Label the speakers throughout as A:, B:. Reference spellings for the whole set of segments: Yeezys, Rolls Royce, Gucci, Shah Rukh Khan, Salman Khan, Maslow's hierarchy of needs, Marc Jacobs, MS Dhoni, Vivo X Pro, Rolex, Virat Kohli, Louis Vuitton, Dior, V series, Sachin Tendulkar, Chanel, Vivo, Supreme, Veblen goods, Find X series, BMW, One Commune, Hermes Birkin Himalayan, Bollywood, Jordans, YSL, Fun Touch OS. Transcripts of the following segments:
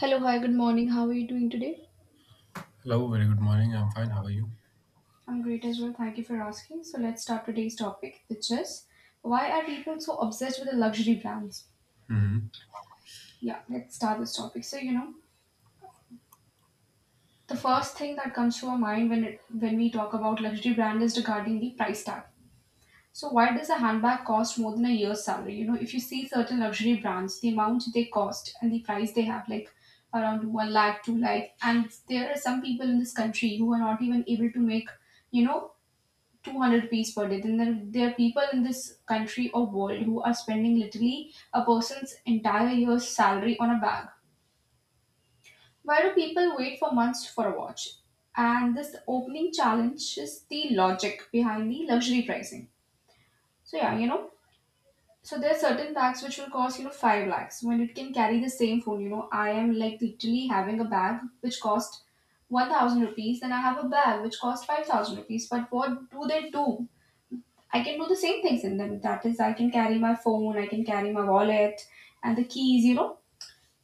A: Hello, hi, good morning. How are you doing today?
B: Hello, very good morning. I'm fine. How are you?
A: I'm great as well. Thank you for asking. So let's start today's topic, which is why are people so obsessed with the luxury brands?
B: Hmm.
A: Yeah, let's start this topic. So you know, the
B: Okay.
A: first thing that comes to our mind when we talk about luxury brand is regarding the price tag. So why does a handbag cost more than a year's salary? You know, if you see certain luxury brands, the amount they cost and the price they have, like around one lakh, two lakh, and there are some people in this country who are not even able to make, you know, 200 rupees per day, then there are people in this country or world who are spending literally a person's entire year's salary on a bag. Why do people wait for months for a watch? And this opening challenges the logic behind the luxury pricing. So yeah, you know, so there are certain bags which will cost five lakhs when it can carry the same phone. You know, I am like literally having a bag which cost 1,000 rupees, then I have a bag which costs 5,000 rupees. But what do they do? I can do the same things in them. That is, I can carry my phone, I can carry my wallet and the keys, you know.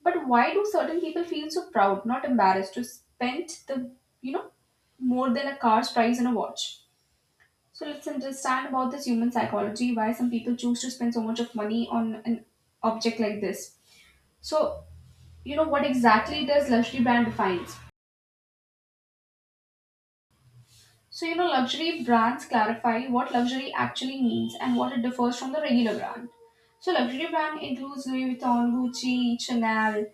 A: But why do certain people feel so proud, not embarrassed, to spend the, you know, more than a car's price on a watch? So let's understand about this human psychology, why some people choose to spend so much of money on an object like this. So, you know, what exactly does luxury brand defines? So, you know, luxury brands clarify what luxury actually means and what it differs from the regular brand. So, luxury brand includes Louis Vuitton, Gucci, Chanel,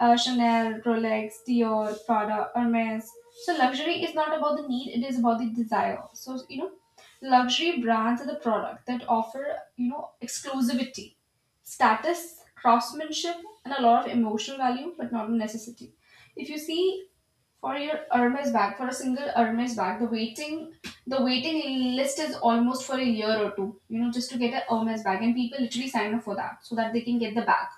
A: uh, Chanel, Rolex, Dior, Prada, Hermes. So, luxury is not about the need; it is about the desire. So, you know, luxury brands are the product that offer exclusivity, status, craftsmanship, and a lot of emotional value, but not a necessity. If you see for your Hermes bag, for a single Hermes bag, the waiting list is almost for a year or two. You know, just to get a Hermes bag, and people literally sign up for that so that they can get the bag.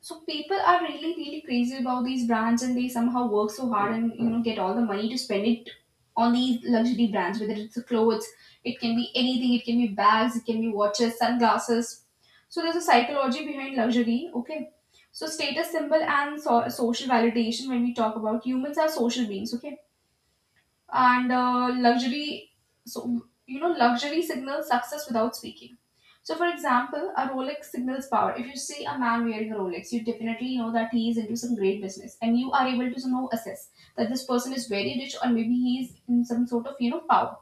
A: So people are really, really crazy about these brands, and they somehow work so hard and get all the money to spend it on these luxury brands. Whether it's the clothes, it can be anything. It can be bags, it can be watches, sunglasses. So there's a psychology behind luxury. Okay, so status symbol and social validation. When we talk about humans are social beings. Okay, and luxury, so luxury signals success without speaking. So, for example, a Rolex signals power. If you see a man wearing a Rolex, you definitely know that he is into some great business, and you are able to know assess that this person is very rich, or maybe he is in some sort of, power.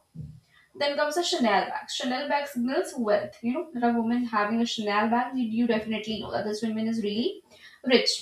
A: Then comes a Chanel bag. Chanel bag signals wealth. You know that a woman having a Chanel bag, you definitely know that this woman is really rich.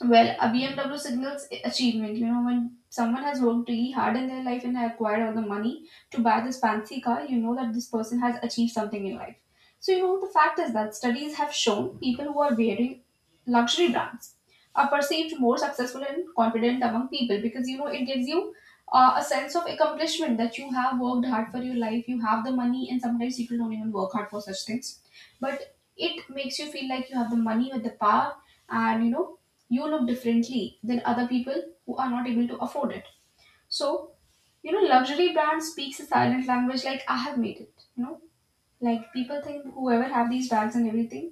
A: Well, a BMW signals achievement. You know, when someone has worked really hard in their life and acquired all the money to buy this fancy car, you know that this person has achieved something in life. So, you know, the fact is that studies have shown people who are wearing luxury brands are perceived more successful and confident among people because, you know, it gives you a sense of accomplishment, that you have worked hard for your life, you have the money, and sometimes people don't even work hard for such things. But it makes you feel like you have the money with the power, and, you know, you look differently than other people who are not able to afford it. So, you know, luxury brand speaks a silent language, like I have made it. You know, like people think whoever have these bags and everything,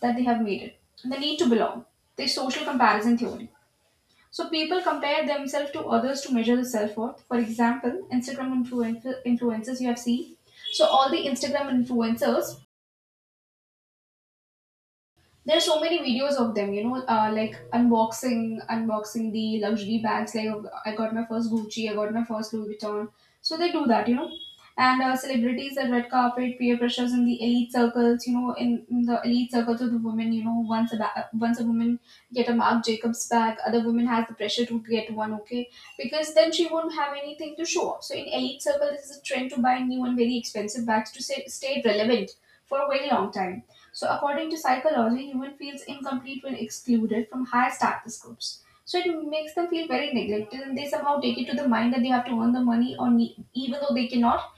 A: that they have made it. The need to belong, the social comparison theory. So people compare themselves to others to measure the self worth. For example, Instagram influencers you have seen. So all the Instagram influencers, there's so many videos of them, you know, like unboxing the luxury bags. Like I got my first Gucci, I got my first Louis Vuitton. So they do that, you know. And celebrities at red carpet, peer pressures in the elite circles, you know, in the elite circles of the women, you know, once a woman get a Marc Jacobs bag, other woman has the pressure to get one. Okay, because then she won't have anything to show off. So in elite circle, this is a trend to buy new and very expensive bags to stay relevant for a very long time. So, according to psychology, human feels incomplete when excluded from higher status groups. So, it makes them feel very neglected, and they somehow take it to the mind that they have to earn the money, or even though they cannot,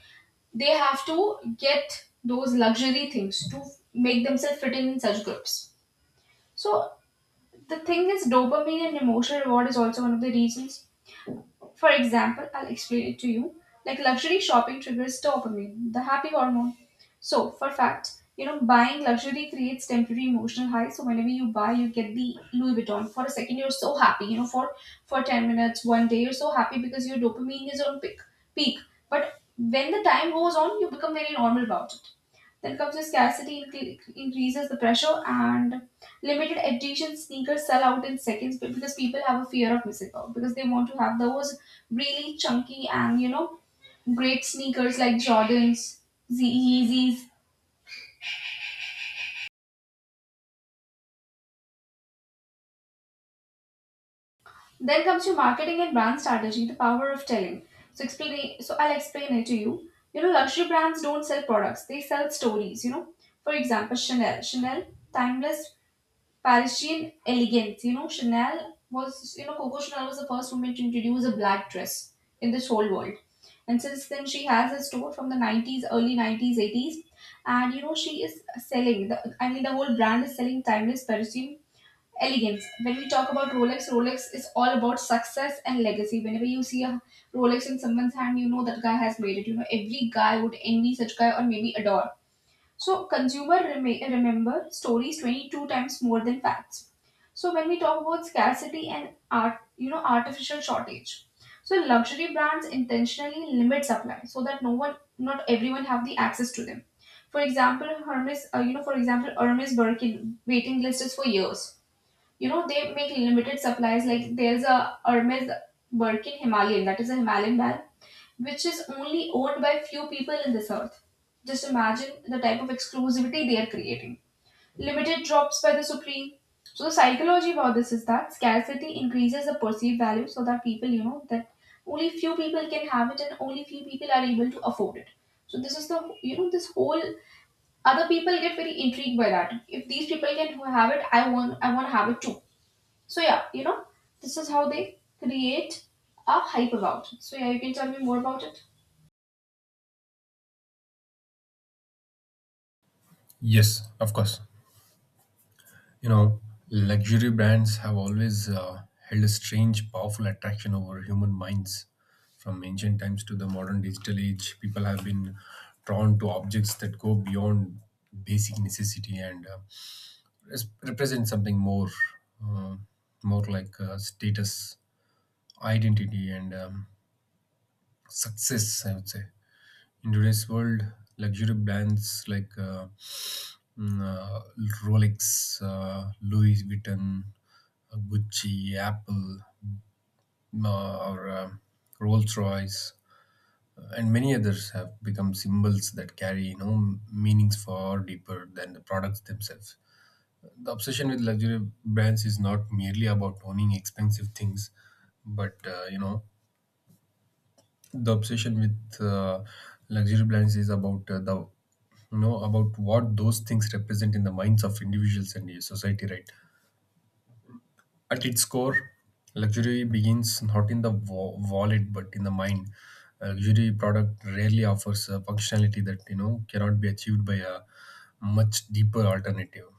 A: they have to get those luxury things to make themselves fit in such groups. So, the thing is, dopamine and emotional reward is also one of the reasons. For example, I'll explain it to you. Like luxury shopping triggers dopamine, the happy hormone. So, for fact, you know, buying luxury creates temporary emotional high. So whenever you buy, you get the Louis Vuitton. For a second, you're so happy. You know, for 10 minutes, one day, you're so happy because your dopamine is on peak. Peak. But when the time goes on, you become very normal about it. Then comes the scarcity increases the pressure, and limited edition sneakers sell out in seconds because people have a fear of missing out, because they want to have those really chunky and, you know, great sneakers like Jordans, Yeezys. Then comes your marketing and brand strategy, the power of telling. So explain. So I'll explain it to you. You know, luxury brands don't sell products; they sell stories. You know, for example, Chanel. Chanel, timeless Parisian elegance. You know, Chanel was, you know, Coco Chanel was the first woman to introduce a black dress in this whole world. And since then, she has a store from the 90s, early 90s, 80s. And, you know, she is selling, I mean, the whole brand is selling timeless Parisian elegance. When we talk about Rolex, Rolex is all about success and legacy. Whenever you see a Rolex in someone's hand, you know that guy has made it. You know, every guy would envy such guy, or maybe adore. So consumer remember stories 22 times more than facts. So when we talk about scarcity and artificial shortage. So luxury brands intentionally limit supply so that no one, not everyone have the access to them. For example, Hermes, for example, Hermes Birkin waiting list is for years. You know, they make limited supplies. Like there's a Hermes Birkin Himalayan, that is a Himalayan bag which is only owned by few people in this earth. Just imagine the type of exclusivity they are creating. Limited drops by the supreme. So the psychology about this is that scarcity increases the perceived value, so that people, you know, that only few people can have it, and only few people are able to afford it. So this is the, you know, this whole, other people get very intrigued by that. If these people can have it, I want to have it too. So yeah, you know, this is how they create a hype about it. So yeah, you can tell me more about it.
B: Yes, of course. You know, luxury brands have always held a strange, powerful attraction over human minds. From ancient times to the modern digital age, people have been drawn to objects that go beyond basic necessity and represent something more, uh, more like status, identity, and success, I would say. In today's world, luxury brands like Mm, uh, Rolex, Louis Vuitton, Gucci, Apple, or Rolls Royce, and many others have become symbols that carry, meanings far deeper than the products themselves. The obsession with luxury brands is not merely about owning expensive things, but the obsession with luxury brands is about the, about what those things represent in the minds of individuals and the society, right? At its core, luxury begins not in the wallet but in the mind. A luxury product rarely offers a functionality that, cannot be achieved by a much deeper alternative.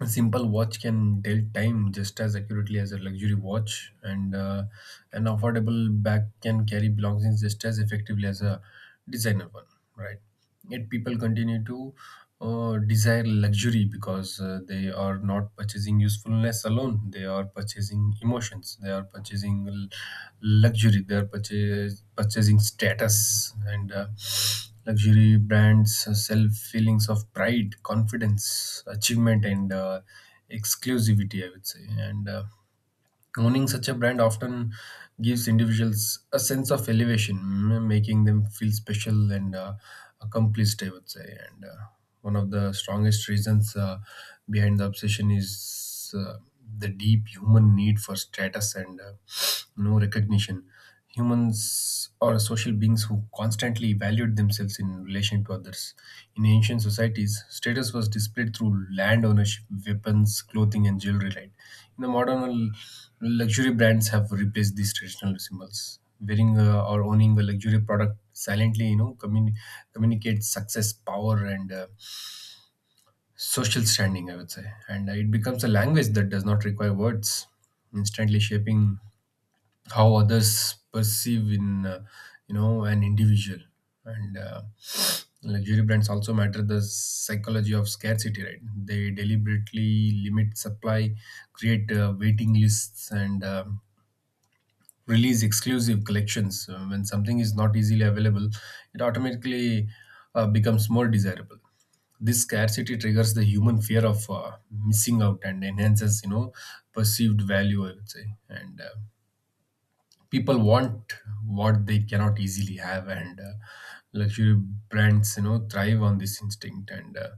B: A simple watch can tell time just as accurately as a luxury watch, and an affordable bag can carry belongings just as effectively as a designer one, right? Yet people continue to desire luxury because they are not purchasing usefulness alone. They are purchasing emotions. They are purchasing luxury. They are purchasing status, and luxury brands sell feelings of pride, confidence, achievement, and exclusivity, I would say. And owning such a brand often gives individuals a sense of elevation, making them feel special and accomplished, I would say. And one of the strongest reasons behind the obsession is the deep human need for status and you recognition. Humans are social beings who constantly evaluate themselves in relation to others. In ancient societies, status was displayed through land ownership, weapons, clothing, and jewelry, right? In the modern Luxury brands have replaced these traditional symbols. Wearing or owning a luxury product silently, communicates success, power, and social standing, I would say. And it becomes a language that does not require words, instantly shaping how others perceive, an individual. And luxury brands also matter the psychology of scarcity, right? They deliberately limit supply, create waiting lists, and release exclusive collections. When something is not easily available, it automatically becomes more desirable. This scarcity triggers the human fear of missing out and enhances, perceived value, I would say. And people want what they cannot easily have, and luxury brands, thrive on this instinct. And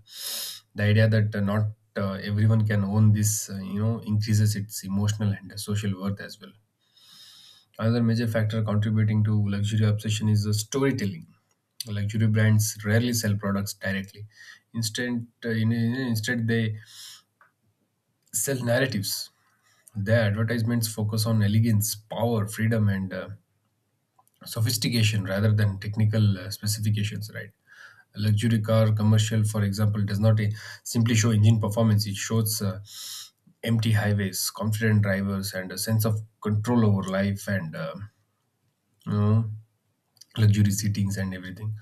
B: the idea that not everyone can own this, increases its emotional and social worth as well. Another major factor contributing to luxury obsession is the storytelling. Luxury brands rarely sell products directly. Instead, they sell narratives. Their advertisements focus on elegance, power, freedom, and sophistication rather than technical specifications, right? A luxury car commercial, for example, does not simply show engine performance. It shows empty highways, confident drivers, and a sense of control over life and, you know luxury seatings and everything.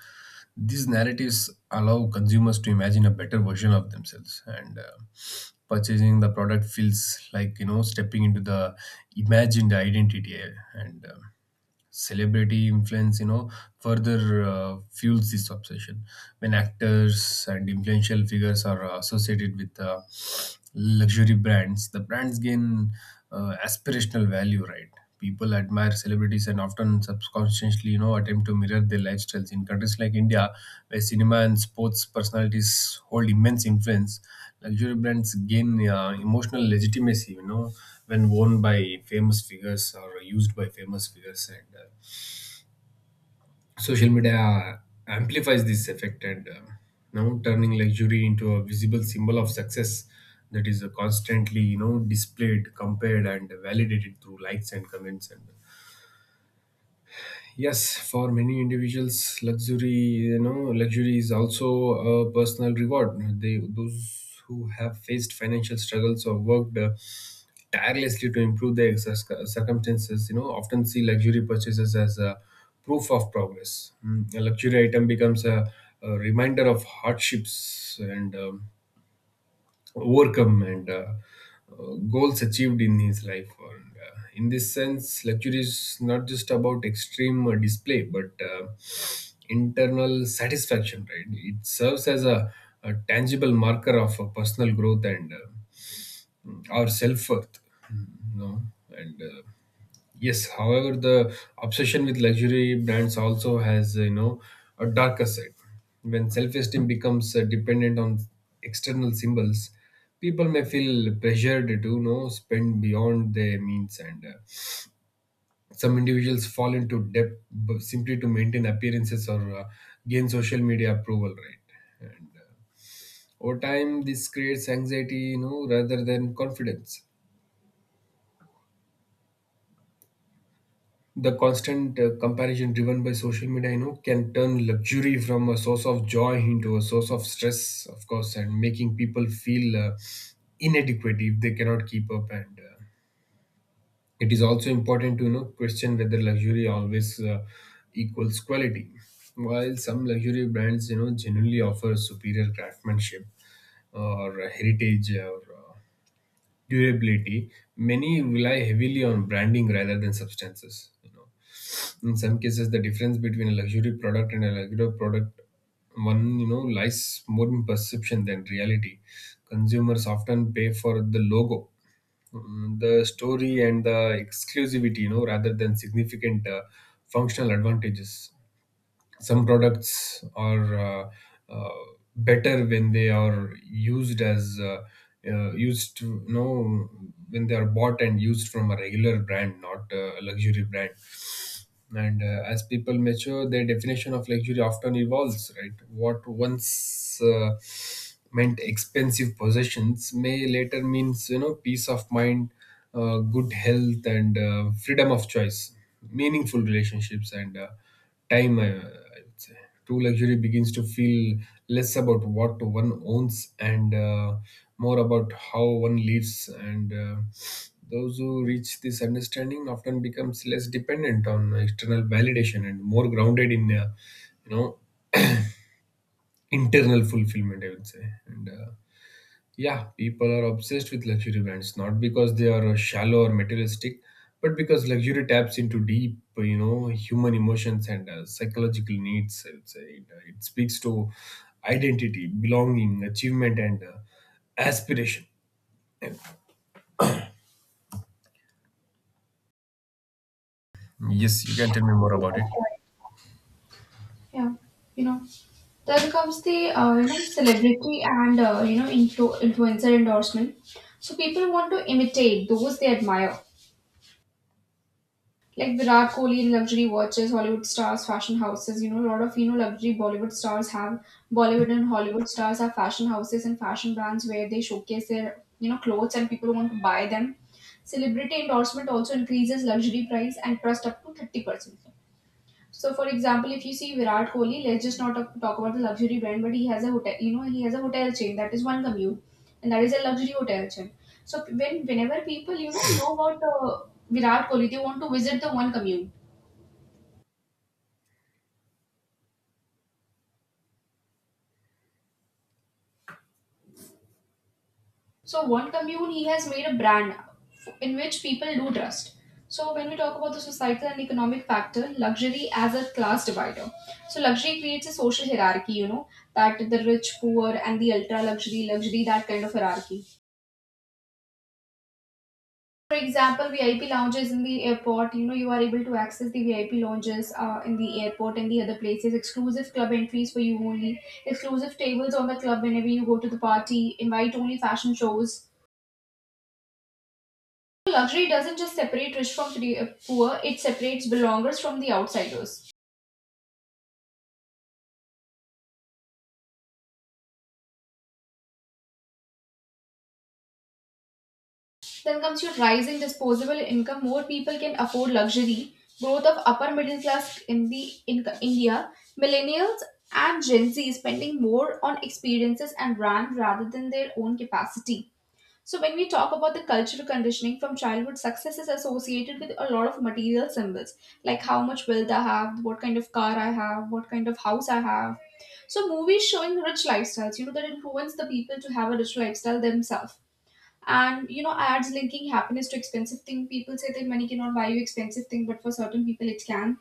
B: These narratives allow consumers to imagine a better version of themselves, and purchasing the product feels like, stepping into the imagined identity. And celebrity influence, further fuels this obsession. When actors and influential figures are associated with luxury brands, the brands gain aspirational value, right? People admire celebrities and often subconsciously, attempt to mirror their lifestyles. In countries like India, where cinema and sports personalities hold immense influence, luxury brands gain emotional legitimacy, when worn by famous figures or used by famous figures. And social media amplifies this effect, and now turning luxury into a visible symbol of success that is constantly, displayed, compared, and validated through likes and comments. And yes, for many individuals, luxury, luxury is also a personal reward. They, those who have faced financial struggles or worked tirelessly to improve their circumstances, often see luxury purchases as a proof of progress. A luxury item becomes a reminder of hardships and, overcome, and goals achieved in his life. And in this sense, luxury is not just about extreme display, but internal satisfaction, right? It serves as a tangible marker of personal growth and our self worth. No, and yes, however, the obsession with luxury brands also has, a darker side. When self-esteem becomes dependent on external symbols, people may feel pressured to, spend beyond their means, and some individuals fall into debt simply to maintain appearances or gain social media approval, right? And over time, this creates anxiety, rather than confidence. The constant comparison driven by social media, can turn luxury from a source of joy into a source of stress, of course, and making people feel inadequate if they cannot keep up. And it is also important to, question whether luxury always equals quality. While some luxury brands, genuinely offer superior craftsmanship or heritage or durability, many rely heavily on branding rather than substances. In some cases, the difference between a luxury product and a regular product one, lies more in perception than reality. Consumers often pay for the logo, the story, and the exclusivity, rather than significant functional advantages. Some products are, uh, better when they are used as used to you know when they are bought and used from a regular brand, not a luxury brand. And as people mature, their definition of luxury often evolves, right? What once meant expensive possessions may later means, peace of mind, good health, and freedom of choice, meaningful relationships, and time, I would say. True luxury begins to feel less about what one owns and more about how one lives. And those who reach this understanding often becomes less dependent on external validation and more grounded in, you know, internal fulfillment, I would say. And yeah, people are obsessed with luxury brands, not because they are shallow or materialistic, but because luxury taps into deep, human emotions and psychological needs, I would say. It speaks to identity, belonging, achievement, and aspiration. Yes, you can tell me more about it.
A: Yeah, you know. Then comes the celebrity and influencer endorsement. So people want to imitate those they admire. Like Virat Kohli in luxury watches, Hollywood stars, fashion houses. You know, a lot of, luxury Bollywood stars have Bollywood and Hollywood stars have fashion houses and fashion brands where they showcase their, you know, clothes, and people want to buy them. Celebrity endorsement also increases luxury price and trust up to 30%. So, for example, if you see Virat Kohli, let's just not talk about the luxury brand, but he has a hotel. You know, he has a hotel chain that is one commute, and that is a luxury hotel chain. So, whenever people know about Virat Kohli, they want to visit the one commune. So, one commune he has made a brand in which people do trust. So, when we talk about the societal and economic factor, luxury as a class divider. So, luxury creates a social hierarchy. You know that the rich, poor, and the ultra luxury, that kind of hierarchy. For example, VIP lounges in the airport, you know, you are able to access the VIP lounges in the airport and the other places, exclusive club entries for you only, exclusive tables on the club whenever you go to the party, invite only fashion shows. Luxury doesn't just separate rich from poor, it separates belongers from the outsiders. Then comes your rising disposable income. More people can afford luxury. Growth of upper middle class in India. Millennials and Gen Z spending more on experiences and brand rather than their own capacity. So when we talk about the cultural conditioning from childhood, success is associated with a lot of material symbols, like how much wealth I have, what kind of car I have, what kind of house I have. So movies showing rich lifestyles, you know, that influence the people to have a rich lifestyle themselves, and you know ads linking happiness to expensive thing. People say that money cannot buy you expensive thing, but for certain people it can.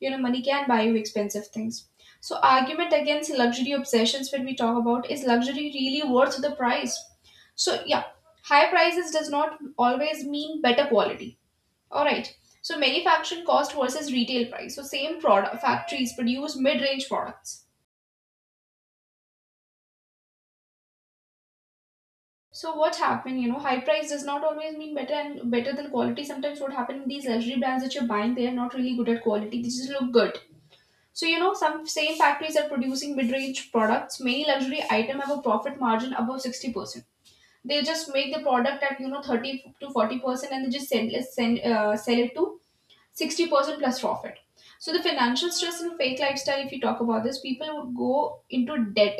A: You know, money can buy you expensive things. So argument against luxury obsessions, when we talk about, is luxury really worth the price? So yeah, high prices does not always mean better quality. All right, so manufacturing cost versus retail price, so same product factories produce mid-range products. So what happened, you know, high price does not always mean better and better than quality. Sometimes what happened in these luxury brands that you're buying, they are not really good at quality. They just look good. So you know, some same factories are producing mid-range products. Many luxury items have a profit margin above 60%. They just make the product at you know 30 to 40%, and they just send, send sell it to 60% plus profit. So the financial stress and fake lifestyle, if you talk about this, people would go into debt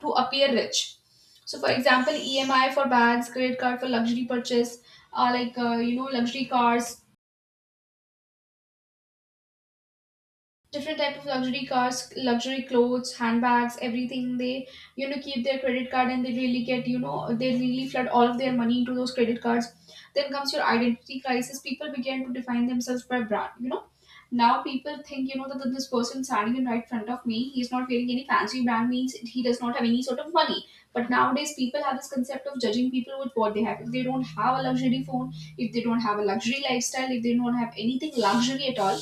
A: to appear rich. So for example, EMI for bags, credit card for luxury purchase, you know, luxury cars, different type of luxury cars, luxury clothes, handbags, everything. They, you know, keep their credit card, and they really get, you know, they really flood all of their money into those credit cards. Then comes your identity crisis. People begin to define themselves by brand, you know. Now people think, you know, that this person standing in right front of me, he's not wearing any fancy brand means he does not have any sort of money. But nowadays people have this concept of judging people with what they have. If they don't have a luxury phone, if they don't have a luxury lifestyle, if they don't have anything luxury at all,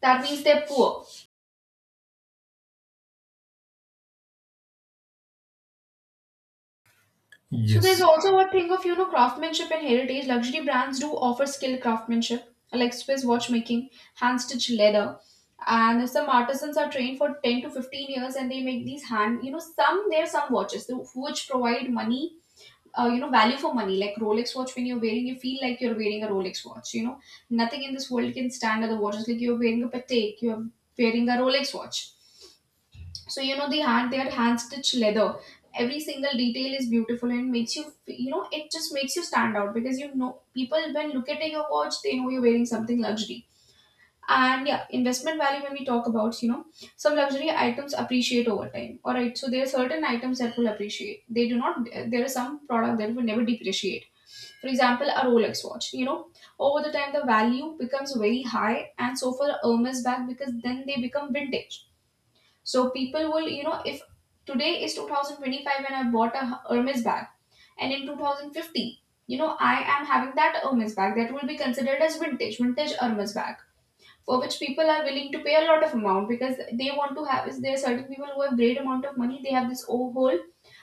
A: that means they're poor. So there's
B: Yes,
A: also a thing of, you know, craftsmanship and heritage. Luxury brands do offer skilled craftsmanship, like Swiss watchmaking, hand stitched leather, and some artisans are trained for 10 to 15 years, and they make these hand, you know, some, there are some watches which provide money. You know, value for money, like Rolex watch. When you're wearing, you feel like you're wearing a Rolex watch. You know, nothing in this world can stand other watches. Like you're wearing a Patek, you're wearing a Rolex watch. So you know, their hand stitched leather, every single detail is beautiful and makes you you know, it just makes you stand out, because you know people when look at your watch, they know you're wearing something luxury. And yeah, investment value when we talk about, you know, some luxury items appreciate over time. All right, so there are certain items that will appreciate, they do not, there are some product that will never depreciate. For example, a Rolex watch, you know, over the time the value becomes very high, and so for a Hermes bag, because then they become vintage. So people will, you know, if today is 2025 and I bought a Hermes bag, and in 2050, you know, I am having that Hermes bag, that will be considered as vintage, vintage Hermes bag, for which people are willing to pay a lot of amount because they want to have. Is there are certain people who have great amount of money? They have this whole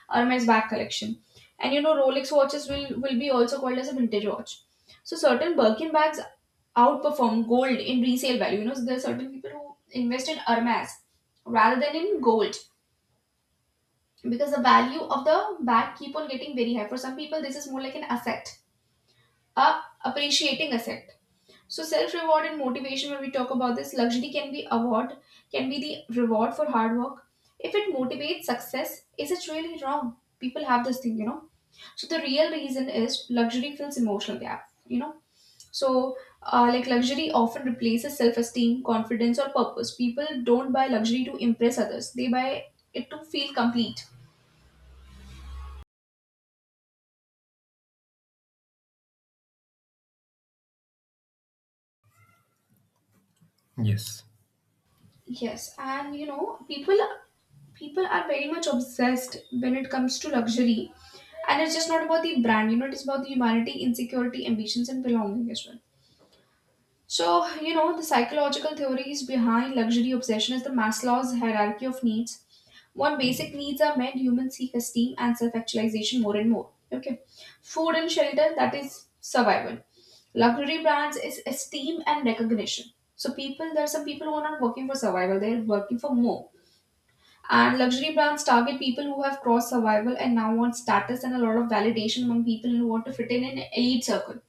A: Hermes bag collection, and you know, Rolex watches will be also called as a vintage watch. So certain Birkin bags outperform gold in resale value. You know, so there are certain people who invest in Hermes rather than in gold, because the value of the bag keep on getting very high. For some people, this is more like an asset, a appreciating asset. So self reward and motivation, when we talk about this, luxury can be award, can be the reward for hard work. If it motivates success, is it really wrong? People have this thing, you know. So the real reason is luxury fills emotional gap. You know, so, like luxury often replaces self esteem, confidence, or purpose. People don't buy luxury to impress others, they buy it to feel complete.
B: yes,
A: Yes, and you know, people are very much obsessed when it comes to luxury, and it's just not about the brand, you know, it's about the humanity, insecurity, ambitions, and belonging as well. So you know, the psychological theories behind luxury obsession is the Maslow's hierarchy of needs. One basic needs are met, humans seek esteem and self actualization more and more. Okay. Food and shelter, that is survival. Luxury brands is esteem and recognition. So people, there are some people who are not working for survival, they're working for more. And luxury brands target people who have crossed survival and now want status and a lot of validation among people who want to fit in an elite circle.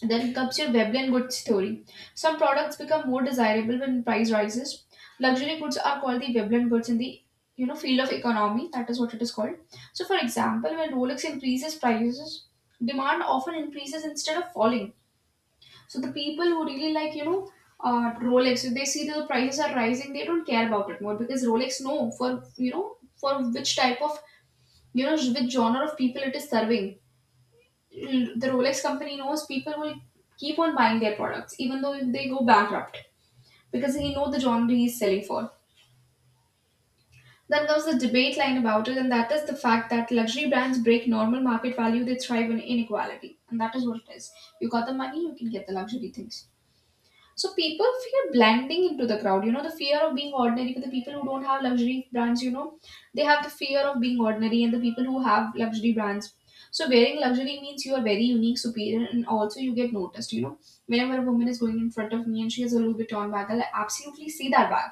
A: Then comes your Weblen goods theory. Some products become more desirable when price rises. Luxury goods are called the Veblen goods in the, you know, field of economy. That is what it is called. So, for example, when Rolex increases prices, demand often increases instead of falling. So the people who really like, you know, Rolex, if they see that the prices are rising, they don't care about it more, because Rolex know for, you know, for which type of, you know, which genre of people it is serving. The Rolex company knows people will keep on buying their products even though they go bankrupt, because he know the genre he is selling for. Then comes the debate line about it, and that is the fact that luxury brands break normal market value, they thrive on inequality. And that is what it is. You got the money, you can get the luxury things. So people fear blending into the crowd. You know, the fear of being ordinary for the people who don't have luxury brands, you know, they have the fear of being ordinary, and the people who have luxury brands. So wearing luxury means you are very unique, superior, and also you get noticed, you know. Whenever a woman is going in front of me and she has a Louis Vuitton bag, I'll absolutely see that bag.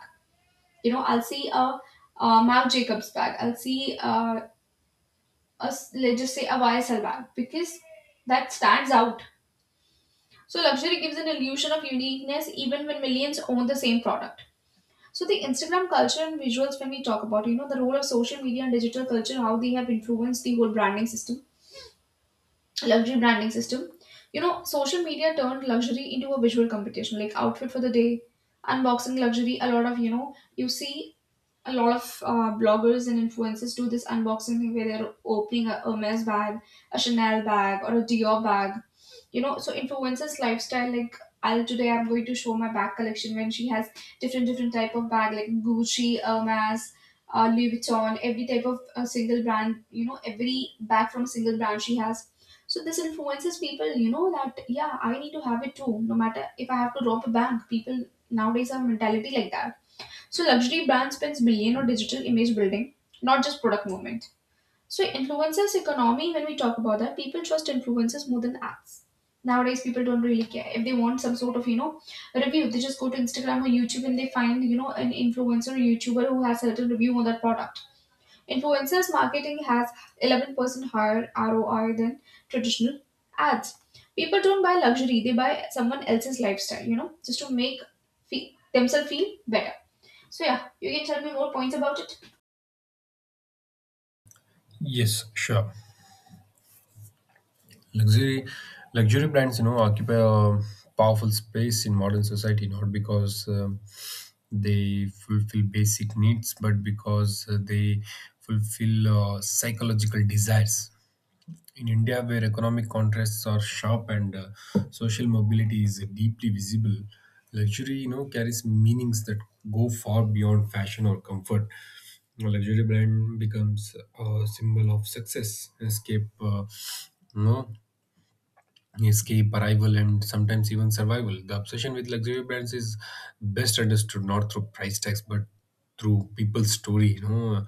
A: You know, I'll see a Marc Jacobs bag. I'll see let's just say a YSL bag because that stands out. So luxury gives an illusion of uniqueness even when millions own the same product. So the Instagram culture and visuals when we talk about, you know, the role of social media and digital culture, how they have influenced the whole branding system, luxury branding system. You know, social media turned luxury into a visual competition, like outfit for the day, unboxing luxury. A lot of, you know, you see a lot of bloggers and influencers do this unboxing thing where they're opening a Hermes bag, a Chanel bag, or a Dior bag. You know, so influences lifestyle, like, I'll today I'm going to show my bag collection, when she has different type of bag like Gucci, Hermes, Louis Vuitton, every type of single brand, you know, every bag from a single brand she has. So this influences people, you know, that yeah, I need to have it too, no matter if I have to rob a bank. People nowadays have a mentality like that. So luxury brand spends billion on digital image building, not just product movement. So influencers economy, when we talk about that, people trust influencers more than apps. Nowadays, people don't really care if they want some sort of, you know, review. They just go to Instagram or YouTube and they find, you know, an influencer or YouTuber who has certain review on that product. Influencers marketing has 11% higher ROI than traditional ads. People don't buy luxury; they buy someone else's lifestyle. You know, just to make feel, themselves feel better. So yeah, you can tell me more points about it.
B: yes, sure. Luxury, luxury brands, occupy a powerful space in modern society, not because they fulfill basic needs but because they fulfill psychological desires in India, where economic contrasts are sharp and social mobility is deeply visible. Luxury, carries meanings that go far beyond fashion or comfort. A luxury brand becomes a symbol of success, you know, escape, arrival, and sometimes even survival. The obsession with luxury brands is best understood not through price tags but through people's story. You know,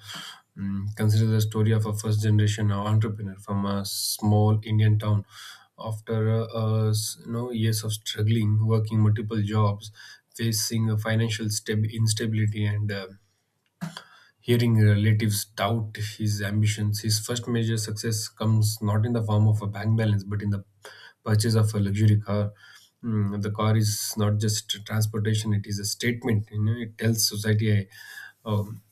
B: Mm, consider the story of a first generation entrepreneur from a small Indian town. After years of struggling, working multiple jobs, facing a instability, and hearing relatives doubt his ambitions, his first major success comes not in the form of a bank balance but in the purchase of a luxury car. The car is not just transportation, it is a statement. It tells society, uh, um,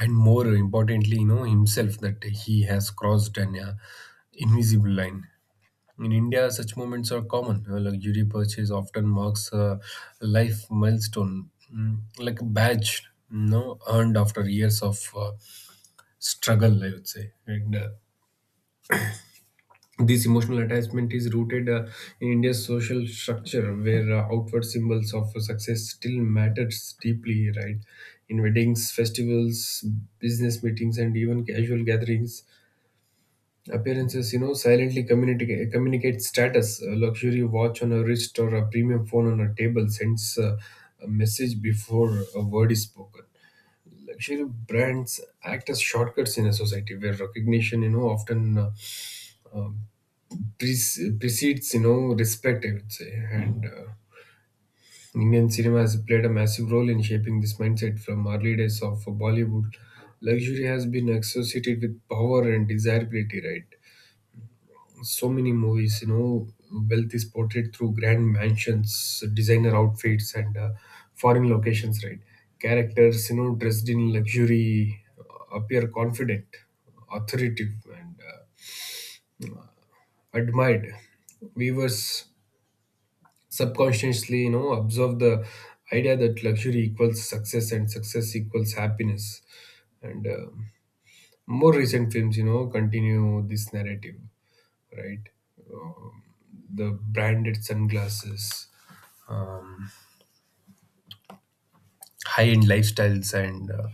B: and more importantly, himself that he has crossed an invisible line. In India, such moments are common. A luxury purchase often marks a life milestone, like a badge, earned after years of struggle, I would say. And this emotional attachment is rooted in India's social structure, where outward symbols of success still matters deeply, right? In weddings, festivals, business meetings, and even casual gatherings, appearances, silently communicate status. A luxury watch on a wrist or a premium phone on a table sends a message before a word is spoken. Luxury brands act as shortcuts in a society where recognition, often um, precedes, respect, I would say. And Indian cinema has played a massive role in shaping this mindset. From early days of Bollywood, luxury has been associated with power and desirability, right? So many movies, wealth is portrayed through grand mansions, designer outfits, and foreign locations, right? Characters, dressed in luxury appear confident, authoritative, and admired. Viewers subconsciously, absorb the idea that luxury equals success and success equals happiness. And more recent films, continue this narrative, right? Um, the branded sunglasses, um, high-end lifestyles, and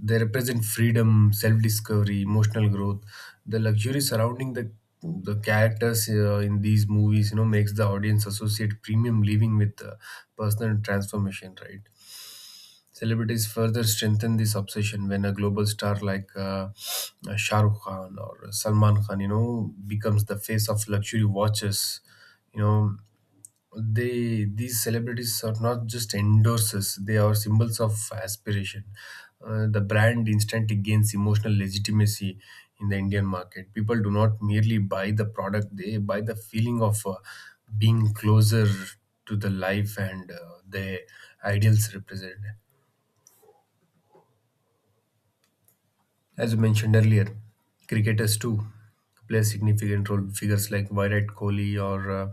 B: they represent freedom, self-discovery, emotional growth. The luxury surrounding the characters in these movies, makes the audience associate premium living with personal transformation, right? Celebrities further strengthen this obsession. When a global star like Shah Rukh Khan or Salman Khan, becomes the face of luxury watches, you know, they these celebrities are not just endorsers, they are symbols of aspiration. The brand instantly gains emotional legitimacy. In the Indian market, people do not merely buy the product, they buy the feeling of being closer to the life and the ideals represented. As you mentioned earlier, cricketers too play a significant role. Figures like Virat Kohli or uh,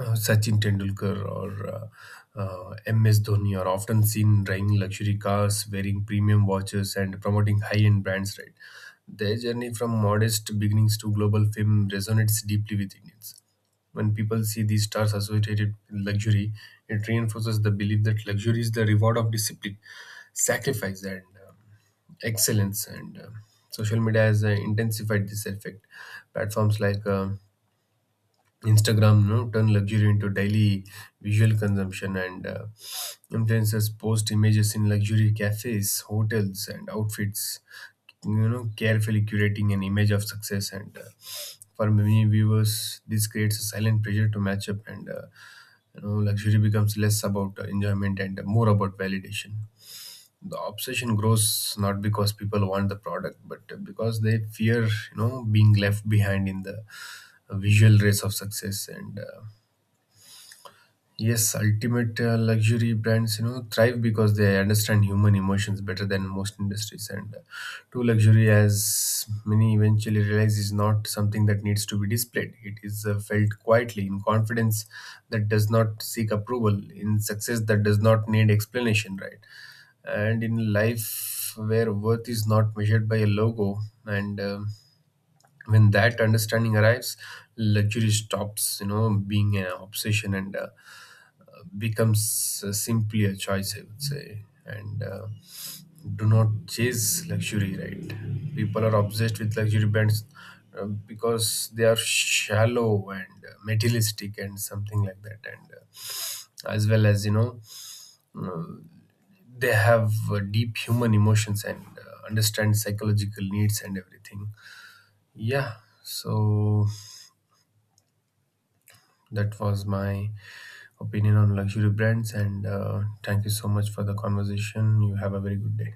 B: uh, Sachin Tendulkar or MS Dhoni are often seen driving luxury cars, wearing premium watches, and promoting high-end brands, right? Their journey from modest beginnings to global fame resonates deeply with Indians. When people see these stars associated with luxury, it reinforces the belief that luxury is the reward of discipline, sacrifice, and um, excellence. And social media has intensified this effect. Platforms like Instagram, turn luxury into daily visual consumption, and influencers post images in luxury cafes, hotels, and outfits, carefully curating an image of success. And for many viewers, this creates a silent pressure to match up, and luxury becomes less about enjoyment and more about validation. The obsession grows not because people want the product, but because they fear, being left behind in the visual race of success. And yes, ultimate luxury brands, thrive because they understand human emotions better than most industries. And true luxury, as many eventually realize, is not something that needs to be displayed. It is felt quietly in confidence that does not seek approval, in success that does not need explanation, right? And in life where worth is not measured by a logo, and when that understanding arrives, luxury stops, being an obsession and becomes simply a choice, I would say. And do not chase luxury, right? People are obsessed with luxury brands because they are shallow and materialistic and something like that. And as well as, uh, they have deep human emotions and understand psychological needs and everything. Yeah. So that was my opinion on luxury brands, and thank you so much for the conversation. You have a very good day.